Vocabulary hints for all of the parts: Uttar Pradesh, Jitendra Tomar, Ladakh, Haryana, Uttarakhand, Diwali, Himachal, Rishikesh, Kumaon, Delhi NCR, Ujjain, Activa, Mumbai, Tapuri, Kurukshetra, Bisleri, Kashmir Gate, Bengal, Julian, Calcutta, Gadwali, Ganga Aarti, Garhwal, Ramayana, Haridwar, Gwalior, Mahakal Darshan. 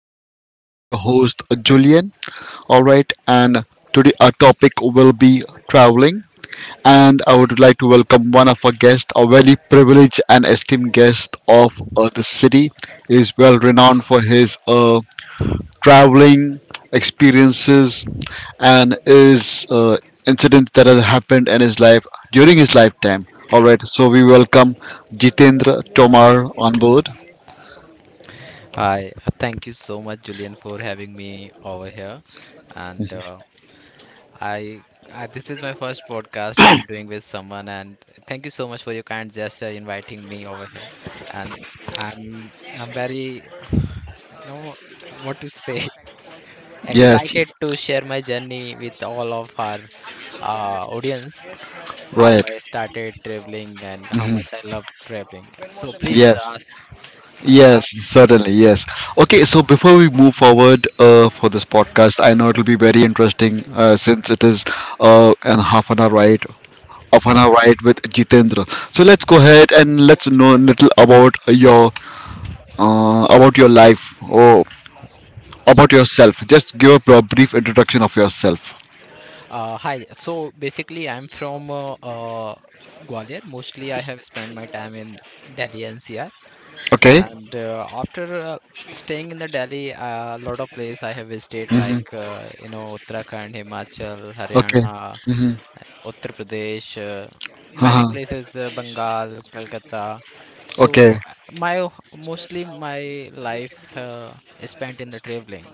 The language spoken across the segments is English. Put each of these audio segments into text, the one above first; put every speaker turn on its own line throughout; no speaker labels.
This is your host Julian. All right, and today our topic will be traveling. And I would like to welcome one of our guests, a very privileged and esteemed guest of the city. He is well renowned for his traveling experiences and his incident that has happened in his life during his lifetime. All right, so we welcome Jitendra Tomar on board.
Hi, thank you so much, Julian, for having me over here. And I, this is my first podcast I'm doing with someone, and thank you so much for your kind gesture inviting me over here. And I'm very, no, what to say,
Yes.
excited to share my journey with all of our audience, how
Right.
I started traveling and how
Hmm.
much I love traveling. So please
Yes.
ask, uh,
Yes,
ask
certainly. Yes. Okay. So before we move forward for this podcast, I know it'll be very interesting since it is an half an hour ride with Jitendra. So let's go ahead and let's know a little about your life or about yourself. Just give a brief introduction of yourself.
Hi. So basically, I'm from Gwalior. Mostly, I have spent my time in Delhi NCR,
Okay.
and after staying in the Delhi, a lot of place I have visited,
Hmm.
like you know Uttarakhand, Himachal,
Okay.
Haryana,
Hmm.
Uttar Pradesh, many
Uh-huh.
places, Bengal, Calcutta.
Okay.
So my mostly my life is spent in the traveling.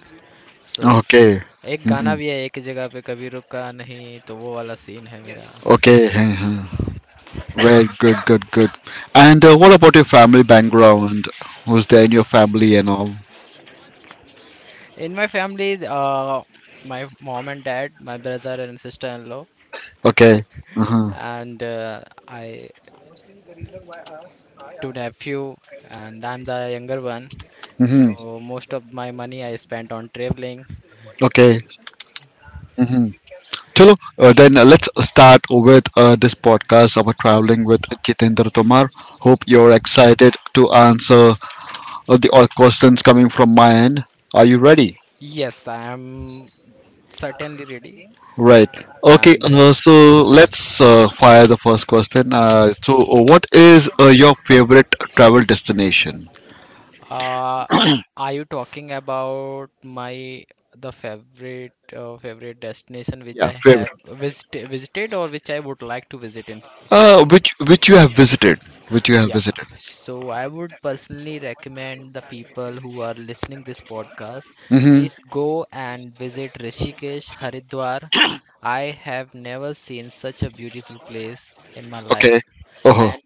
So
Okay.
एक
Mm-hmm.
गाना भी है एक जगह पे कभी रुका नहीं तो वो वाला सीन है मेरा.
Okay. Well, good, good, good. And what about your family background? Who's there in your family and all?
In my family my mom and dad my brother and sister in law
Okay. Uh-huh.
And I two nephew, and I'm the younger one,
Hmm.
so most of my money I spent on traveling.
Okay. Hmm. Chalo, then let's start with this podcast about traveling with Jitendra Tomar. Hope you're excited to answer the all questions coming from my end. Are you ready?
Y- yes, I'm certainly ready.
Right. Okay.
And
So let's fire the first question. What is your favorite travel destination?
Uh, are you talking about my the favorite favorite destination which
Yeah,
I
favorite.
have visited, or which I would like to visit in future?
Which you have visited? Which you have
Yeah,
visited?
so I would personally recommend the people who are listening this podcast,
Mm-hmm.
please go and visit Rishikesh, Haridwar. I have never seen such a beautiful place in my
Okay.
life,
Oh.
and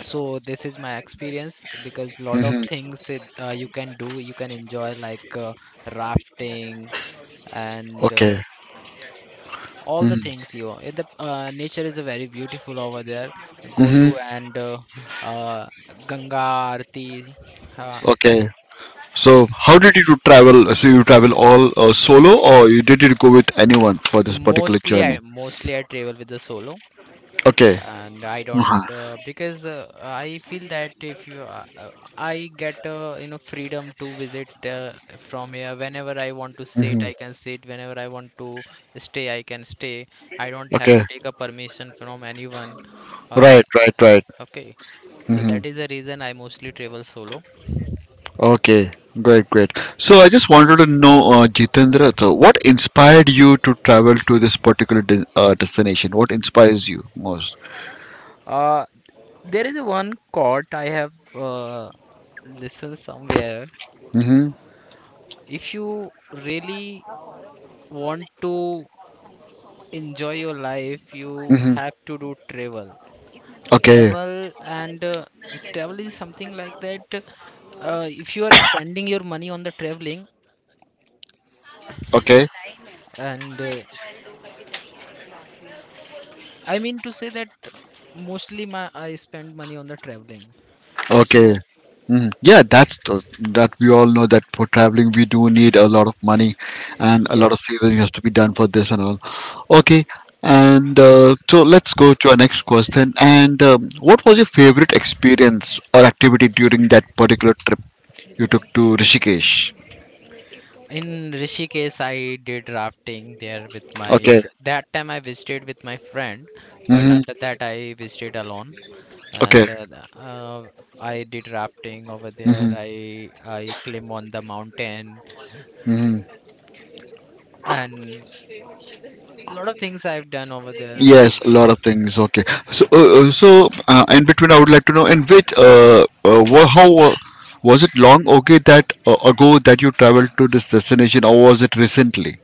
so this is my experience because lot of
Mm-hmm.
things you can do, you can enjoy, like rafting and
Okay.
all the
Mm-hmm.
things you in the nature is a very beautiful over there, go
Mm-hmm.
to and uh, ganga arti. uh,
Okay. So, how did you travel? So, you travel all solo, or you did you go with anyone for this particular journey?
Mostly I travel with the solo,
Okay.
and I don't
Uh-huh.
because I feel that if you I get you know freedom to visit from here, whenever I want to sit
Hmm.
I can sit, whenever I want to stay I can stay, I don't have to
Okay.
take a permission from anyone, uh,
Right. Right. Right.
okay, so
Mm-hmm.
that is the reason I mostly travel solo.
Okay, great, great. So I just wanted to know, Jitendra, so what inspired you to travel to this particular destination? What inspires you most?
uh, there is one quote I have listened somewhere.
Mm-hmm.
If you really want to enjoy your life you
Mm-hmm.
have to do travel,
Okay.
travel, and travel is something like that. If you are spending your money on the traveling,
Okay.
and I mean to say that mostly my I spend money on the traveling. So
Okay. Mhm. Yeah, that's that we all know that for traveling we do need a lot of money and a lot of
yes.
saving has to be done for this and all. Okay, and so let's go to our next question. And what was your favorite experience or activity during that particular. You took to Rishikesh.
In Rishikesh, I did rafting there
Okay.
that time I visited with my friend, but
Mm-hmm.
after that I visited alone,
Okay.
and I did rafting over there.
Mm-hmm.
I climb on the mountain,
Mm-hmm.
and a lot of things I've done over there.
Yes, a lot of things. Okay. So, in between, I would like to know in which, wha- how was it long, okay, that ago that you traveled to this destination, or was it recently?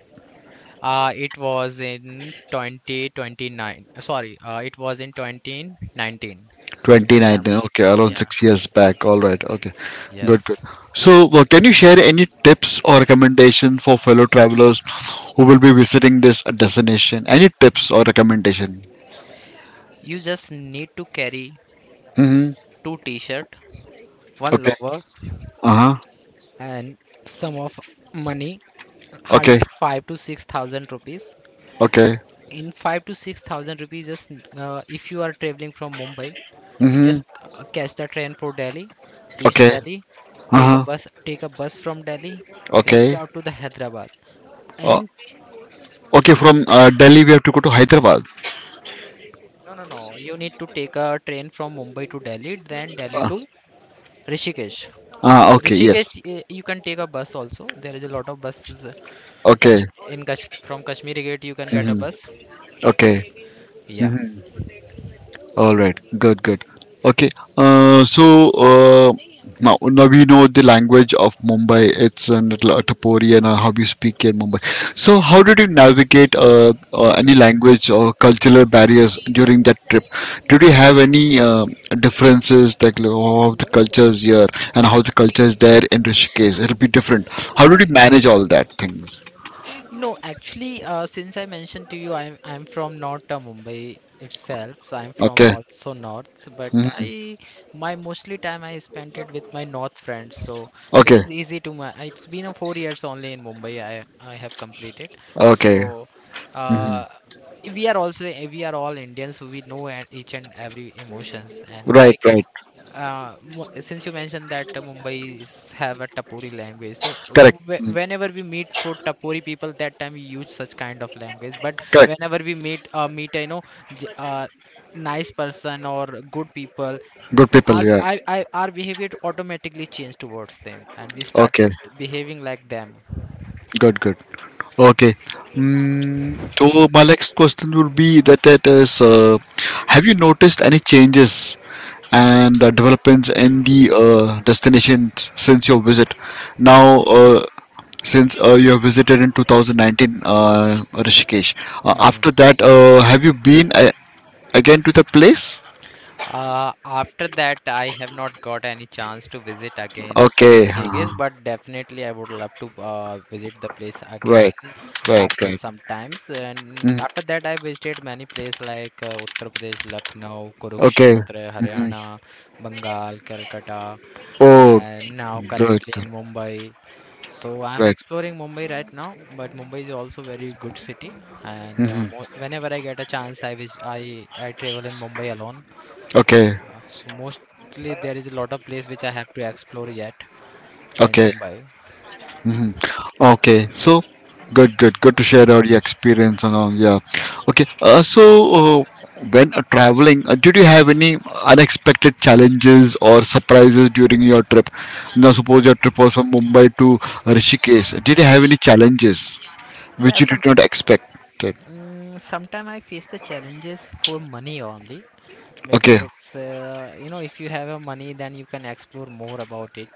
It was in 2029. Sorry, it was in 2019. That time,
2019. Okay, around
yeah,
6 years back. All right. Okay. Good. Good.
yes.
So, can you share any tips or recommendation for fellow travelers who will be visiting this destination? Any tips or recommendation?
You just need to carry
Mm-hmm.
two t-shirt, one
Okay.
lover,
Uh-huh.
and sum of money hardly
Okay.
5 to 6 thousand rupees.
Okay.
In 5 to 6 thousand rupees, just if you are traveling from Mumbai,
Mm-hmm.
just catch the train for Delhi, reach
Okay.
Delhi,
Uh-huh.
take a bus from Delhi, reach
Okay.
out to the Hyderabad,
Uh,
and
okay. From Delhi, we have to go to Hyderabad.
no, no, no, you need to take a train from Mumbai to Delhi, then Delhi
Uh,
to Rishikesh.
ah. Okay. Yes.
Rishikesh, eh, you can take a bus also. There is a lot of buses
Okay.
from Kashmir Gate. You can get a
Mm-hmm.
bus.
Okay.
Yeah.
All right, good, good. Okay, uh, so uh, now we know the language of Mumbai. It's an Tapori and how you speak in Mumbai. So how did you navigate any language or cultural barriers during that trip? Did you have any differences like how the culture is here and how the culture is there in Rishikesh? It'll be different. How did
No,
you manage all that things?
no, actually, since I mentioned to you, I'm from North Mumbai itself. So I'm from
Okay.
also North, but
Hmm.
I my mostly time I spent it with my North friends. So it
Okay.
is easy to my. It's been a 4 years only in Mumbai. I have completed.
Okay.
So,
Hmm.
uh, we are also we are all Indians. So we know each and every emotions, and
Right.
like
Right.
since you mentioned that Mumbai is, have a Tapuri language, so
Correct. Mm.
whenever we meet for Tapuri people, that time we use such kind of language. But
Correct.
whenever we meet, you know, j- uh, nice person or good people,
Good people, yeah.
our behavior automatically changed towards them, and we started
Okay,
behaving like them.
good, good. Okay. Mm, so my next question would be that is, have you noticed any changes and developments in the destination since your visit? Now, since you have visited in 2019, Rishikesh.
Hmm.
After that, have you been again to the place?
After that, I have not got any chance to visit again to
Okay.
Rishikesh, but definitely I would love to visit the place again
Right, right,
after
right.
some times. And
Mm,
after that, I visited many places, like Uttar Pradesh, Lucknow,
okay.
Kurukshetra,
Hmm.
Haryana, Bengal, Calcutta,
Oh,
and now
good,
currently
good,
in Mumbai. So I'm
right.
exploring Mumbai right now, but Mumbai is also very good city. And
Mhm.
mo whenever I get a chance, I vis I travel in Mumbai alone,
Okay,
so mostly there is a lot of place which I have to explore yet in
okay,
Mumbai.
mhm, okay. So, good, good, good to share all your experience and all. Yeah. Okay. Uh, when traveling, did you have any unexpected challenges or surprises during your trip? Now, suppose your trip was from Mumbai to Rishikesh. Did you have any challenges which
Yeah,
you did
some
not expect?
Sometime I face the challenges for money only, because
Okay.
it's you know if you have a money then you can explore more about it.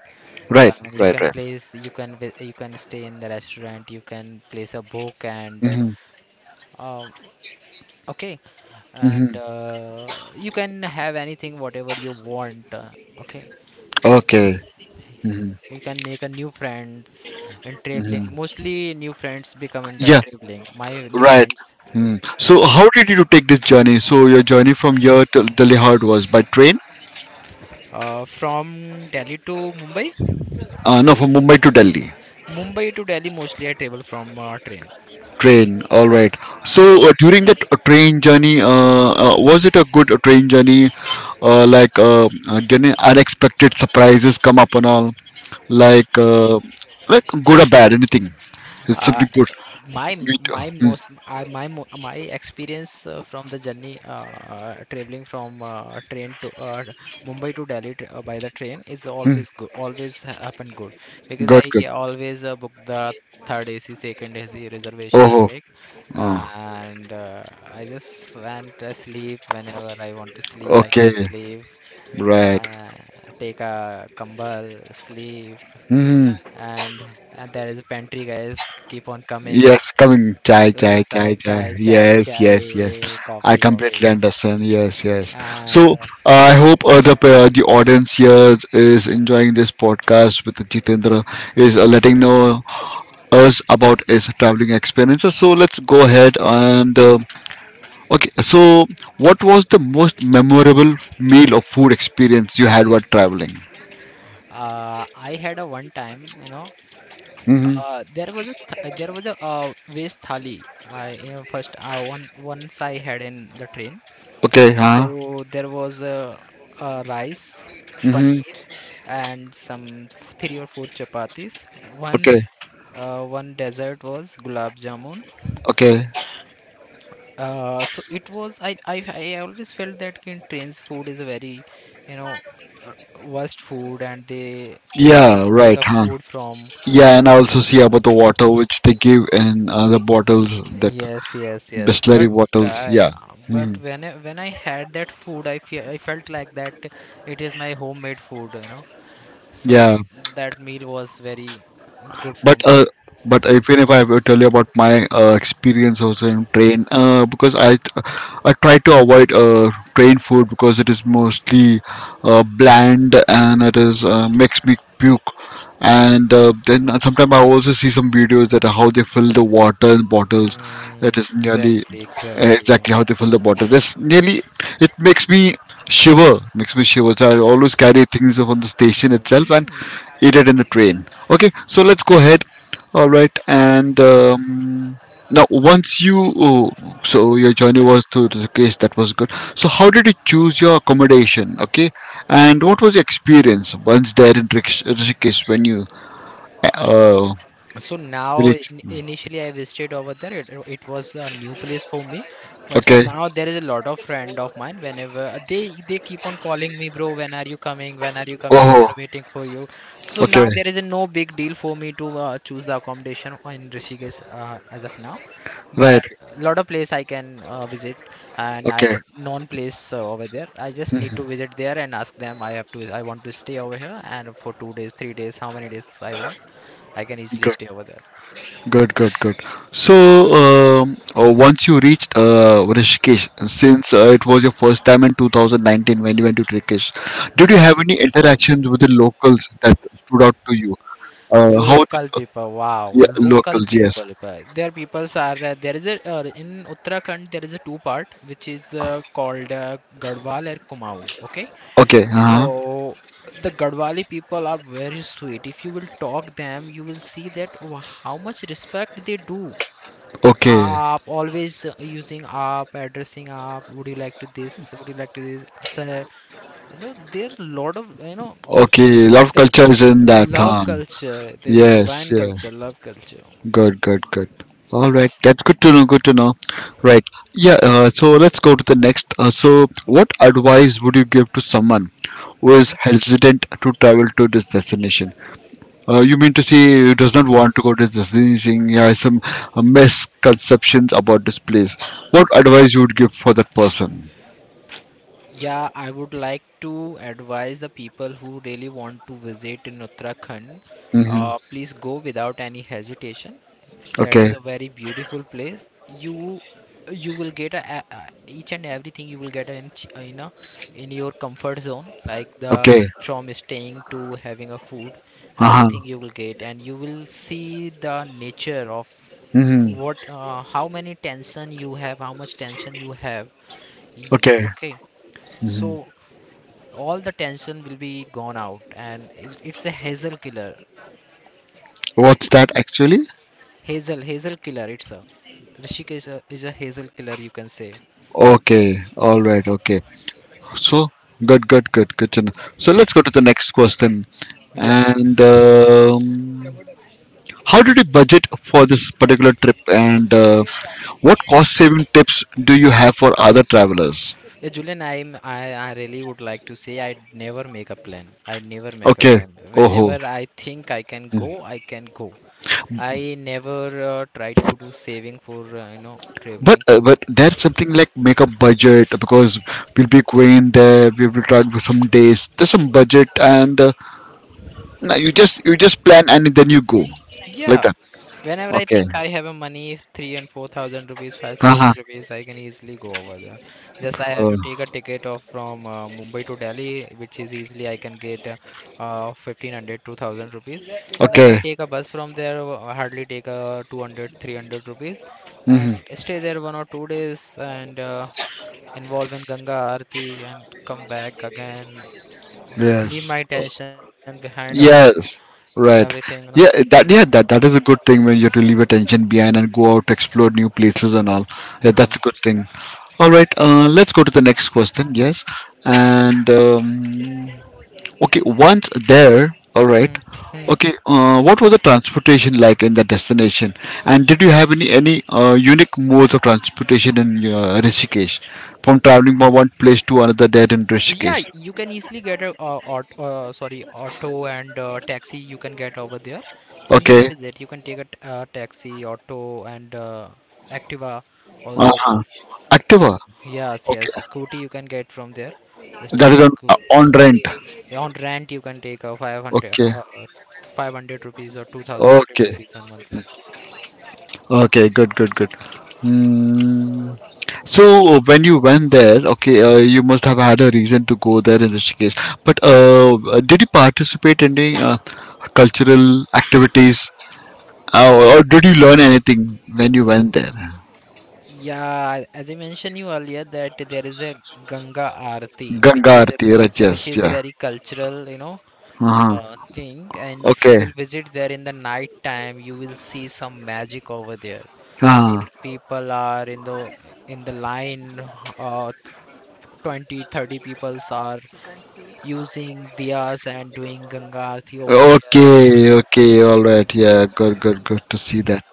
Right.
And
Right. Right.
you can stay in the restaurant, you can place a book, and
Mm-hmm.
um, okay, and
Mm-hmm.
you can have anything whatever you want. Okay.
Okay. Mm-hmm.
You can make a new friends in traveling.
Mm-hmm.
Mostly new friends become into
Yeah.
traveling. My new
Right.
friends.
Hmm. So
Yeah.
how did you take this journey? So your journey from here to Delhi, how it was by train?
From Delhi to Mumbai.
No, from Mumbai to Delhi.
Mumbai to Delhi mostly I travel from train.
Train. All right.
Yeah.
So during that train journey, was it a good train journey? Like did any unexpected surprises come up and all? Like uh, like good or bad? Anything? It's
Uh,
something good.
my
Me too.
my
Hmm.
most I my mo- my experience from the journey, traveling from train to Mumbai to Delhi by the train is
Hmm.
always good. Happen good, because
Good. Good.
I always book the third AC, second AC reservation I
Oh.
make,
Uh,
and I just went to sleep. Whenever I want to sleep, I can
okay.
sleep,
Right.
uh, take a kambal, sleep,
Hmm. Hmm.
and and there is a pantry guys keep on coming.
Yes, coming chai chai chai chai.
Chai, chai,
Yes, yes, yes.
chai,
I
coffee,
completely
coffee.
understand. Yes, yes. So
And
I hope the audience here is enjoying this podcast with Jitendra is letting know us about his traveling experiences. So let's go ahead and okay. So what was the most memorable meal or food experience you had while traveling?
I had a one time, you know,
Mm-hmm.
there was a waste thali. I you know, first one once I had in the train.
Okay,
So
huh?
there was a rice,
Mm-hmm.
paneer, and some three or four chapatis. One
Okay,
one dessert was gulab jamun.
okay.
So it was I always felt that in trains food is a very you know uh, worst food, and
Yeah,
make
right,
a
huh?
food from
Yeah, and I also see about the water which they give and the bottles that
yes yes yes
Bisleri
but
bottles.
I,
Yeah.
but
Mhm.
when I had that food I felt like that it is my homemade food you know. So
Yeah.
that meal was very good
But
for
uh,
me.
but even if I will tell you about my experience also in train, because I try to avoid train food because it is mostly bland and it is makes me puke. And then sometimes I also see some videos that how they fill the water in bottles. It
Hmm,
is nearly
exactly, exactly.
exactly how they fill the bottle. That's nearly it makes me shiver, makes me shiver. So I always carry things from the station itself and
Hmm.
eat it in the train. Okay, so let's go ahead. All right, and now once you oh, so your journey was to the case that was good. So how did you choose your accommodation? Okay, and what was your experience once there in Rishikesh when you uh
So now,
reached?
initially, I visited over there. It was a new place for me, but so
Okay,
now there is a lot of friend of mine. Whenever they keep on calling me, bro, when are you coming? When are you coming? We
oh,
are waiting for you. So now
okay,
there is a no big deal for me to choose the accommodation in Rishikesh as of now. But
right,
a lot of place I can visit, and I
okay.
known place over there, I just need to visit there and ask them I want to stay over here, and for 2 days, 3 days, how many days I want I can easily stay over there.
Good, good, good. So, once you reached Rishikesh, since it was your first time in 2019 when you went to Rishikesh, did you
Yeah,
have any interactions with the locals that stood out to you? How?
local
The,
people, wow,
yeah,
local
locals, yes.
people. But their peoples are there is a in Uttarakhand there is a two-part which is called Garhwal and Kumaon, okay.
Okay,
So
uh-huh.
the Gadwali people are very sweet. If you will talk them, you will see that how much respect they do.
Okay,
Up, always using up, addressing up. Would you like to this? Would you like to this? Sir, you know, there a lot of you know
okay. Love
the
culture is in that.
love
Huh?
culture. There's a
Yes,
divine
yeah.
culture, love culture.
Good, good, good. All right, that's good to know. Good to know. Right. Yeah. So let's go to the next. So, what advice would you give to someone was
Hmm.
hesitant to travel to this destination. You mean to say he does not want to go to this destination? He has some misconceptions about this place. What advice you would give for that person?
Yeah, I would like to advise the people who really want to visit in Uttarakhand.
Hmm.
Please go without any hesitation. That is
Okay.
a very beautiful place. You will get a, each and everything you will get in in your comfort zone, like the
Okay.
from staying to having a food,
Uh huh.
everything you will get, and you will see the nature of
Hmm.
what how much tension you have. Y-
Okay.
okay,
Hmm.
so all the tension will be gone out, and it's a hazel killer.
What's that actually?
Hazel, hazel killer. It's a Rishikesh is a hazel killer, you can say.
Okay. All right. Okay. So good, good, good, good to know. So let's go to the next question.
Yeah.
And how did you budget for this particular trip? And what cost saving tips do you have for other travelers?
Yeah, Julian, I really would like to say I never make a plan. I never make a
Okay.
plan.
Oh,
Whenever I think I can go, I can go. I never try to do saving for you know
but
traveling.
uh, but that's something like make a budget because we'll be going there. We will try for some days. There's some budget, and no, you just plan and then you go like
Yeah,
that.
whenever I
Okay.
think I have a money, 3 and 4 thousand rupees, 5 thousand
Uh-huh.
rupees, I can easily go over there. Just I have
Uh,
to take a ticket of from Mumbai to Delhi, which is easily I can get 1500 rupees. Then I
okay.
take a bus from there, hardly take a 200 rupees, and
Hmm.
stay there one or two days and involve in Ganga Aarti and come back again. Leave
Yes.
my tension behind of
Yes. Right.
everything.
Yeah. That yeah. That is a good thing when you have to leave attention behind and go out, explore new places and all. Yeah,
Hmm.
that's a good thing. All right, let's go to the next question. Yes, and okay, once there, all right.
Hmm.
Okay, what was the transportation like in the destination, and did you have any unique modes of transportation in Rishikesh, from traveling from one place to another there in
Yeah,
Rishikesh?
you can easily get a aut sorry, auto and taxi you can get over there, and you can
Okay,
visit. You can take a taxi, auto, and Activa also.
uh-huh.
You
Activa.
Yes,
Okay,
yes, scooty you can get from there. Just
that
take
is
a sco
on rent.
On rent you can take a 500
Okay,
500 rupees or 2000
okay,
rupees on monthly.
okay. Good, good, good. Hmm. So when you went there, okay, you must have had a reason to go there in Rishikesh. But did you participate in any cultural activities, or did you learn anything when you went there?
Yeah, as I mentioned you earlier that there is a Ganga Aarti,
Ganga Aarti, right,
which
yes,
is
yeah.
very cultural, you know,
Uh-huh.
thing, and if you
Okay.
will visit there in the night time you will see some magic over there.
Uh-huh.
People are in the line, uh, 20, thirty, 30 peoples are using diyas and doing Ganga Aarti over there.
Okay, okay, all right. Yeah, good, good, good to see that.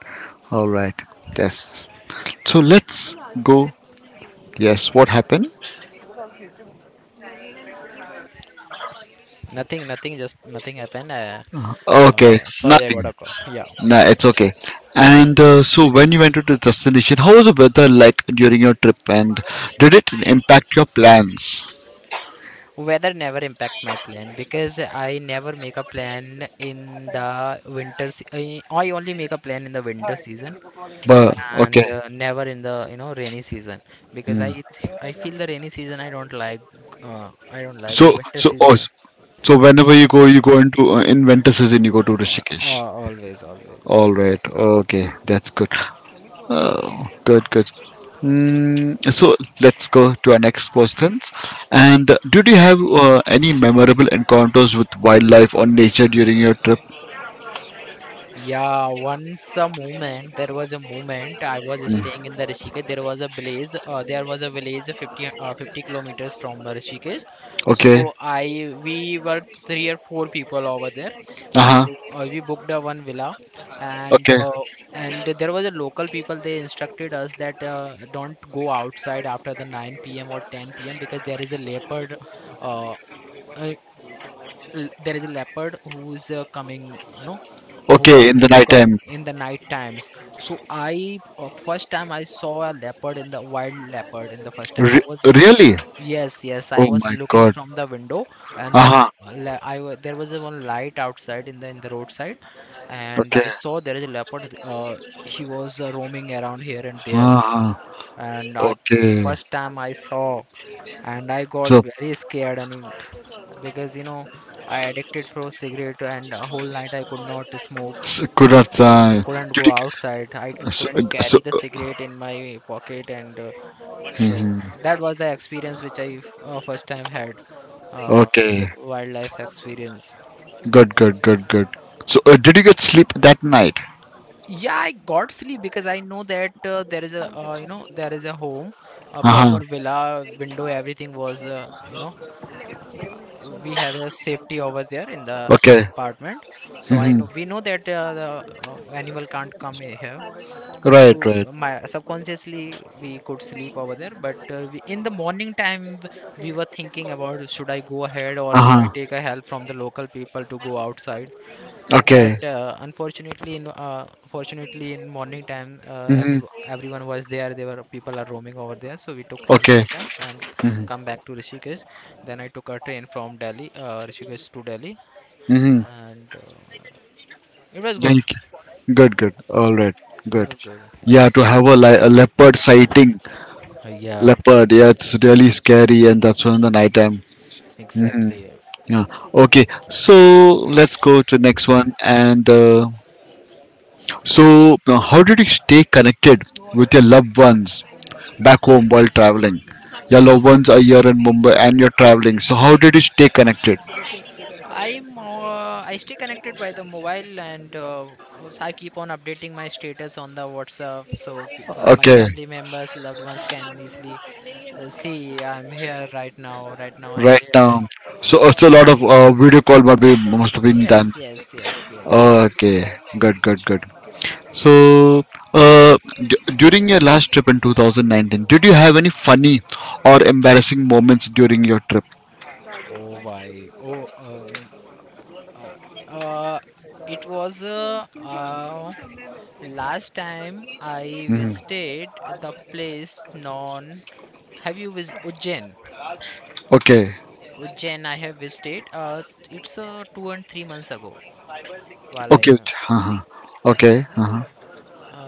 All right. Yes. So let's go. Yes, what happened?
Nothing nothing Just nothing happened.
Uh-huh. Okay,
Sorry, I
nothing.
got a call. Yeah.
Nah, it's okay. And so, when you went to the destination, how was the weather like during your trip, and did it impact your plans?
Weather never impact my plan because I never make a plan in the I only make a plan in the winter season,
But
and
okay.
never in the, rainy season, because
Hmm.
I feel the rainy season I don't like, I don't like, but
So,
winter
so,
season,
oh, so whenever you go into in winter season, you go to Rishikesh.
always,
All
always.
right. Okay, that's good. Oh, good, good. Mm, so let's go to our next questions. And did you have any memorable encounters with wildlife or nature during your trip?
Yeah, once a moment, there was a moment I was staying
Mm,
in the Rishikesh. There was a village. There was a village 50 kilometers from Rishikesh.
okay.
So I we were three or four people over there.
Uh
We
huh.
we booked a one villa, and
Okay.
and there was a local people. They instructed us that, don't go outside after the 9 p.m. or 10 p.m. because there is a leopard. Uh, uh, there is a leopard who's coming. You know who
Okay, in
comes,
the
who
night
come
time.
in the night times. So I, first time I saw a leopard, in the wild, leopard in the first time I was.
Really?
Yes, yes, I
Oh
was
my
looking
god.
from the window, and the
Aha.
le- le- I wa- there was a one light outside in the roadside, and I
Okay.
saw there is a leopard. He was, roaming around here and there,
Aha.
and I
Okay.
first time I saw, and I got
So,
very scared, and because, you know, I addicted for cigarette, and a whole night I could not smoke,
so Kurat,
couldn't
did
go
you,
outside. I
so,
couldn't
so,
carry the cigarette in my pocket, and so
mhm,
that was the experience which I first time had, uh,
okay.
wildlife experience.
Good, good, good, good. So, did you get sleep that night?
Yeah, I got sleep because I know that, there is a, you know, there is a home, a
Aha.
proper villa, window, everything was, you know, uh, we have a safety over there in the
Okay.
apartment. So I
Hmm.
know we know that, the animal can't come here. So
Right, right.
my subconsciously we could sleep over there, but we, in the morning time, we were thinking about should I go ahead or should I
Aha.
take a help from the local people to go outside.
Okay.
But unfortunately, in Fortunately in morning time,
Hmm.
everyone was there. There were people are roaming over there, so we took help
Okay.
from them and
Hmm.
come back to Rishikesh. Then I took a train from Rishikesh to Delhi,
Hmm.
and it was good.
Thank you. Good, good. All right, good.
It was good.
Yeah, to have a, a leopard sighting,
Yeah,
leopard, yeah, it's really scary, and that's on the night time. Hmm.
exactly.
Yeah. Okay, so let's go to next one. And uh, so uh, how did you stay connected with your loved ones back home while traveling? Your loved ones are here in Mumbai and you're traveling, so how did you stay connected?
I stay connected by the mobile, and I keep on updating my status on the WhatsApp so my
Okay.
family members, loved ones can easily, see I'm here right now. Right now I'm
Right
there.
now. So it's a lot of video call must have been done.
Yes, yes, yes, yes, yes.
Okay. Good, good, good. So, uh, during your last trip in 2019, did you have any funny or embarrassing moments during your trip?
Oh, why? Oh. Uh, uh it was, last time I
Hmm.
visited the place known. Have you visited Ujjain?
Okay.
Ujjain, I have visited. It's 2 and 3 months ago while I.
Okay. Uh-huh. Okay. Uh-huh.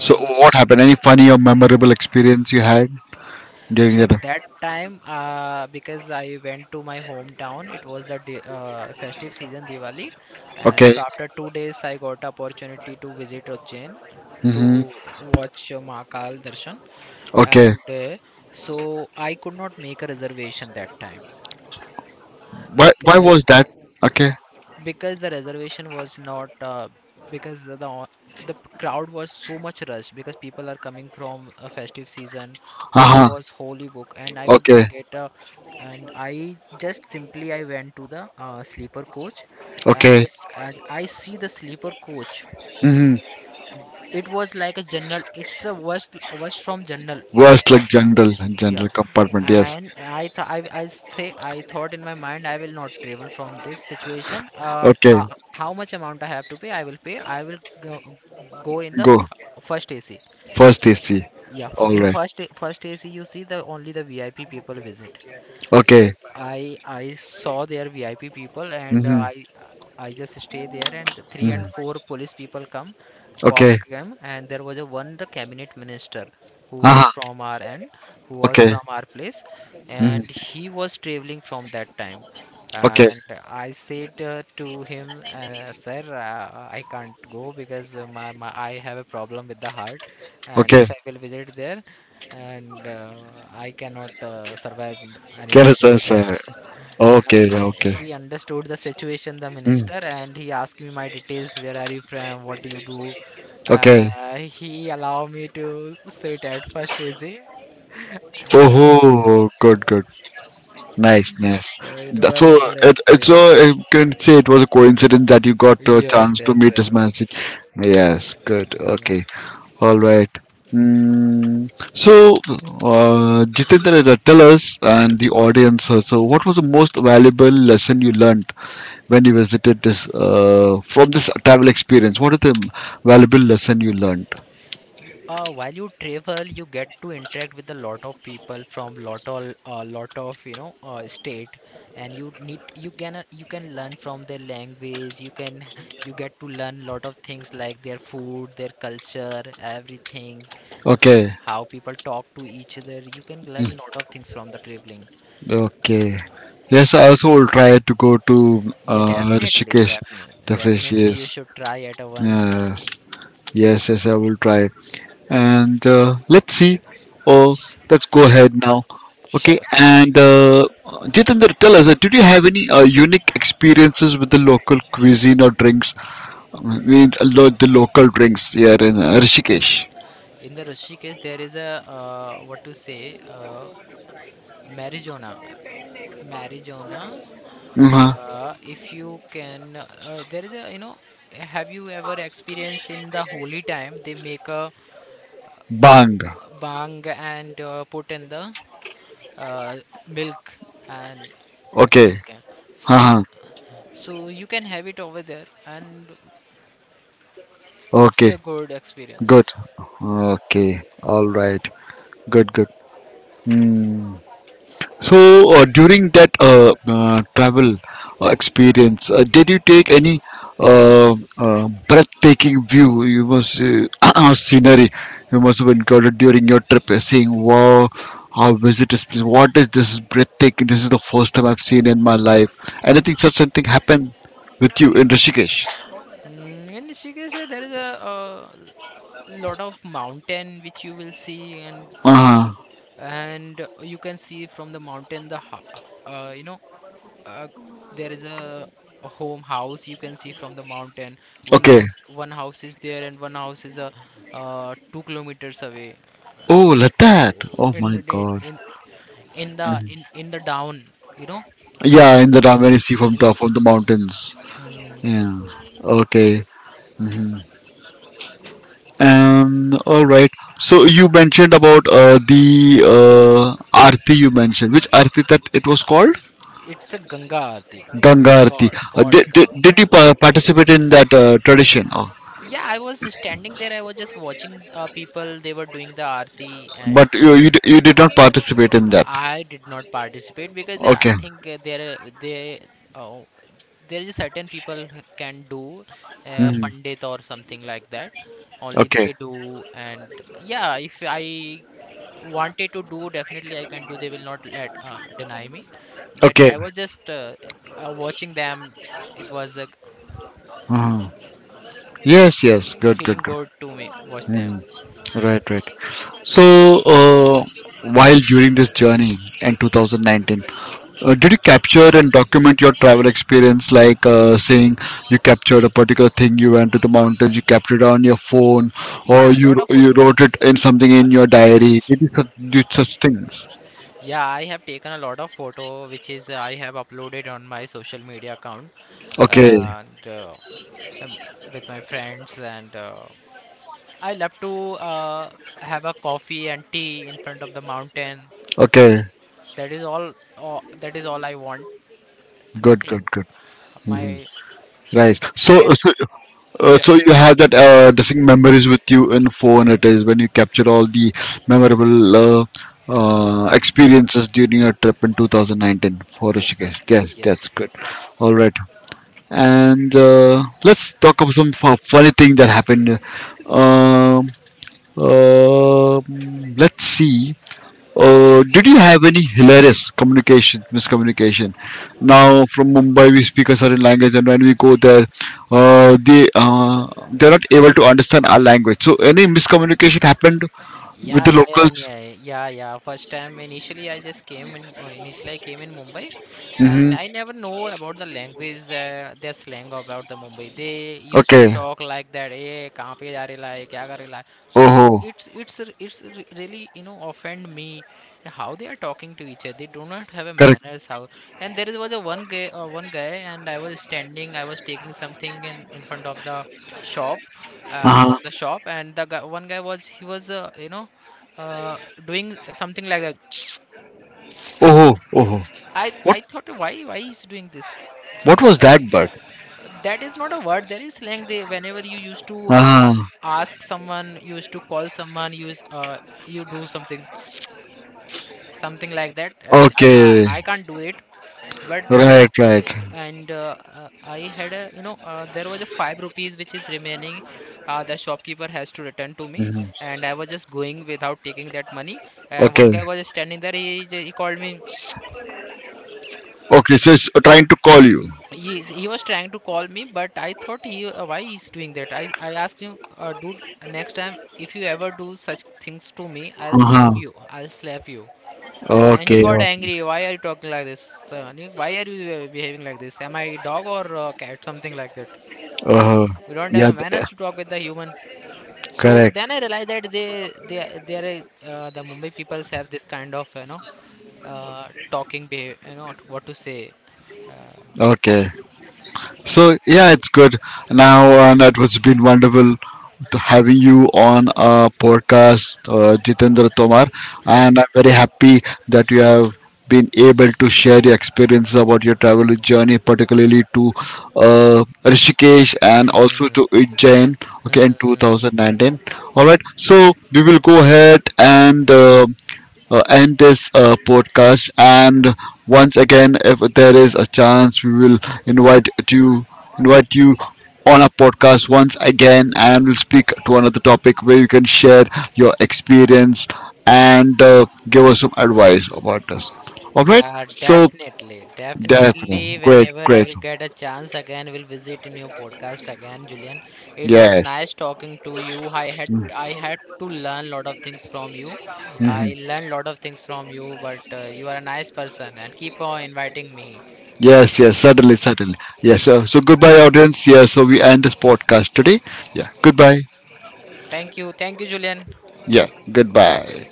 So, what
s-
happened? Any funny or memorable experience you had during
so
your trip?
that time, because I went to my hometown, it was the festive season Diwali, and
Okay.
so after 2 days, I got opportunity to visit Ujjain to
Mm-hmm.
watch, Mahakal Darshan,
Okay.
and so I could not make a reservation that time.
Why
Because.
was that? Okay.
Because the reservation was not, because the crowd was so much rush because people are coming from a festive season. Train
Uh-huh.
was wholly booked, and I could
Okay.
not get a. And I just simply I went to the sleeper coach. And
Okay.
this and I see the sleeper coach,
Mm-hmm.
it was like a general, it's a worst from general
Worst, like
department.
general,
Yeah,
general compartment. Yes.
and I thought in my mind I will not travel from this situation.
Okay.
How much amount I have to pay I will pay, I will go, go in the
Go.
th- first AC.
First AC.
Yeah f
All
in
right.
first A- First AC, you see, the only the VIP people visit. So
Okay.
I saw their VIP people, and uh,
Mm-hmm.
I I just stay there, and the three and
Mhm.
four police people come, cop
Okay.
came, and there was a one the cabinet minister who was
Aha.
from our end, who was
Okay.
from our place,
Mhm.
and he was traveling from that time.
Okay.
And I said, to him, sir, I can't go because, my, my I have a problem with the heart, and
Okay.
if I will visit there, and I cannot,
Get
anymore
a
because the,
sir. Okay.
and
Okay.
he understood the situation, the
Mm.
minister, and he asked me my details. Where are you from? What do you do?
Okay.
He allowed me to sit at first AC, and I think
Oh, good, good. Nice, nice.
so it
Th- So,
was a good
so,
experience.
I can say it was a coincidence that you got a
Yes,
chance to
yes.
meet this man. Yes, good.
Mm,
Okay.
mm.
All right. Mm, so, Jitendra, tell us and the audience. So, what was the most valuable lesson you learned when you visited this travel experience? What is the valuable lesson you learned?
While you travel, you get to interact with a lot of people from lot of you know, state, and you can, you can learn from their language. You can you get to learn lot of things like their food, their culture, everything,
Okay.
how people talk to each other. You can learn lot of things from the traveling.
Okay. Yes, I also will try to go to,
Yeah, definitely,
Rishikesh,
definitely,
definitely,
definitely. You
yes.
should try it once.
Yes, yes, yes, I will try. And let's see. Oh, let's go
Sure,
ahead now.
sure,
okay
sure.
and uh, Jitendra, tell us, did you have any unique experiences with the local cuisine or drinks? I mean, the the local drinks here in Rishikesh.
In the Rishikesh, there is a, what to say, uh, marijuana. Marijuana,
Uh-huh.
if you can, there is a, you know, have you ever experienced in the holy time they make a
Bang.
bang and, put in the, uh, milk, and
Okay.
milk and so
Haha.
so you can have it over there, and it's
Okay.
a good experience.
Good. Okay. All right. Good. Good. Hmm. So during that travel experience, did you take any breathtaking view? You must scenery. You must have encountered during your trip, saying, "Wow, how visitors! What is this breathtaking? This is the first time I've seen in my life." Anything such something happened with you in Rishikesh?
Mm, in Rishikesh, there is a, lot of mountain which you will see,
Uh huh.
and you can see from the mountain the, you know, uh, there is a, home house you can see from the mountain.
Okay.
One house is there, and one house is a, 2 kilometers away.
Oh, Ladakh.
Oh.
Oh my God.
In the,
Mm.
in the down, you know,
Yeah, in
in,
the Ramayana, you see from
in the
top of the mountains.
mm,
Yeah. Okay. Hmm. All right. So you mentioned about the uh, Aarti you mentioned. Which Aarti that it was called?
it's a Ganga Aarti.
Ganga
It's
Aarti.
called Ganga.
Did you participate in that tradition? Oh,
Yeah, I was standing there. I was just watching, people. They were doing the Aarti, and
but you you did not participate in
but
that.
I did not participate because, I
Okay.
think, there they, oh, there is certain people who can do,
Hmm.
pandit or something like that. Only
Okay.
they do, and yeah, if I wanted to do, definitely I can do. They will not let, deny me. But
Okay.
I was just, watching them. It was,
Uh. Yes. Yes. Good. Good.
feeling
Good.
good to me watch them.
Mhm. Right, right. So, while during this journey in 2019, did you capture and document your travel experience? Like saying you captured a particular thing, you went to the mountains, you captured it on your phone, or
Yeah, a lot of
you
photo.
wrote it in something in your diary. Did you such, did such things?
Yeah, I have taken a lot of photo, which is, I have uploaded on my social media account,
Okay,
and um, with my friends, and I love to, have a coffee and tea in front of the mountain.
okay,
That is that is all I want.
good,
Nothing.
good, good.
My
Hmm. Right.
I
So,
can
so,
s-
Uh,
Yeah.
so you have that distinct memories with you in phone. It is when you capture all the memorable experiences during your trip in 2019 for
Yes,
Rishikesh. Yes, yes, that's
yes.
good. All right, and let's talk about some funny thing that happened. Um, let's see. Did you have any hilarious communication, miscommunication? Now, from Mumbai, we speak a certain language, and when we go there, they're not able to understand our language. So, any miscommunication happened with
Yeah,
the
yeah, yeah, and
locals?
yeah, yeah, yeah. First time initially I just came in, Initially I came in Mumbai, and
Mm-hmm.
I never know about the language, their slang about the Mumbai. They used to
Okay.
talk like that, hey, कहाँ पे जा rahe la क्या कर kar rahe. So it,
Oh,
it's r- really, you know, offend me how they are talking to each other. They do not have a
correct.
manners how. And was a one guy, one guy, and I was standing, I was taking something in front of the shop. From
Uh-huh.
the shop, and the guy, one guy was he was you know, uh, doing something like that.
Oh, oh,
I
what
I thought why he's doing this?
what was
Uh,
that bug?
that is not a word. There is slang. They whenever you used to,
Uh-huh.
ask someone, you used to call someone, you use, you do something something like that. Uh, I, I
Okay.
I can't do it, but.
Right, right.
And, I had a, you know, there was a 5 rupees which is remaining. The shopkeeper has to return to me,
Mhm.
and I was just going without taking that money. And one
Okay.
guy was standing there. He called me.
Okay. So it's trying to call you.
Yes, he was trying to call me, but I thought he why he's doing that. I asked him, dude, next time if you ever do such things to me, I'll slap
Uh-huh.
you. I'll slap you. And he
Okay.
got
Okay.
angry. Why are you talking like this? Nick, why are you, behaving like this? Am I a dog or a cat? Something like that. Huh?
Uh-huh.
You don't have
Yeah.
a
Th-.
manners to talk with the human. So then
Correct.
I realized that they they are, the Mumbai peoples have this kind of, you know, talking behavior. You know what to say. Uh,
Okay. So yeah, it's good. Now that was been wonderful to having you on a podcast, Jitendra Tomar,
yeah.
and I'm very happy that you have been able to share your experience about your travel journey, particularly to Rishikesh and also
Hmm.
to Ujjain. Okay, in
Hmm. Hmm.
2019. All right. So we will go ahead and end this podcast. And once again, if there is a chance, we will invite you invite you on our podcast once again, and we'll speak to another topic where you can share your experience and give us some advice about this. All right.
Yeah,
So
definitely.
definitely,
Definitely,
great,
whenever I
great.
will get a chance again, will visit in your podcast again, Julian. It was
Yes.
nice talking to you. I had to learn lot of things from you.
Mhm.
I learned lot of things from you, but you are a nice person and keep on inviting me.
Yes, yes, certainly,
Yes.
certainly. Yes, so goodbye, audience. Yeah, so we end this podcast today. Yeah, goodbye.
Thank you. Thank you, Julian.
Yeah, goodbye.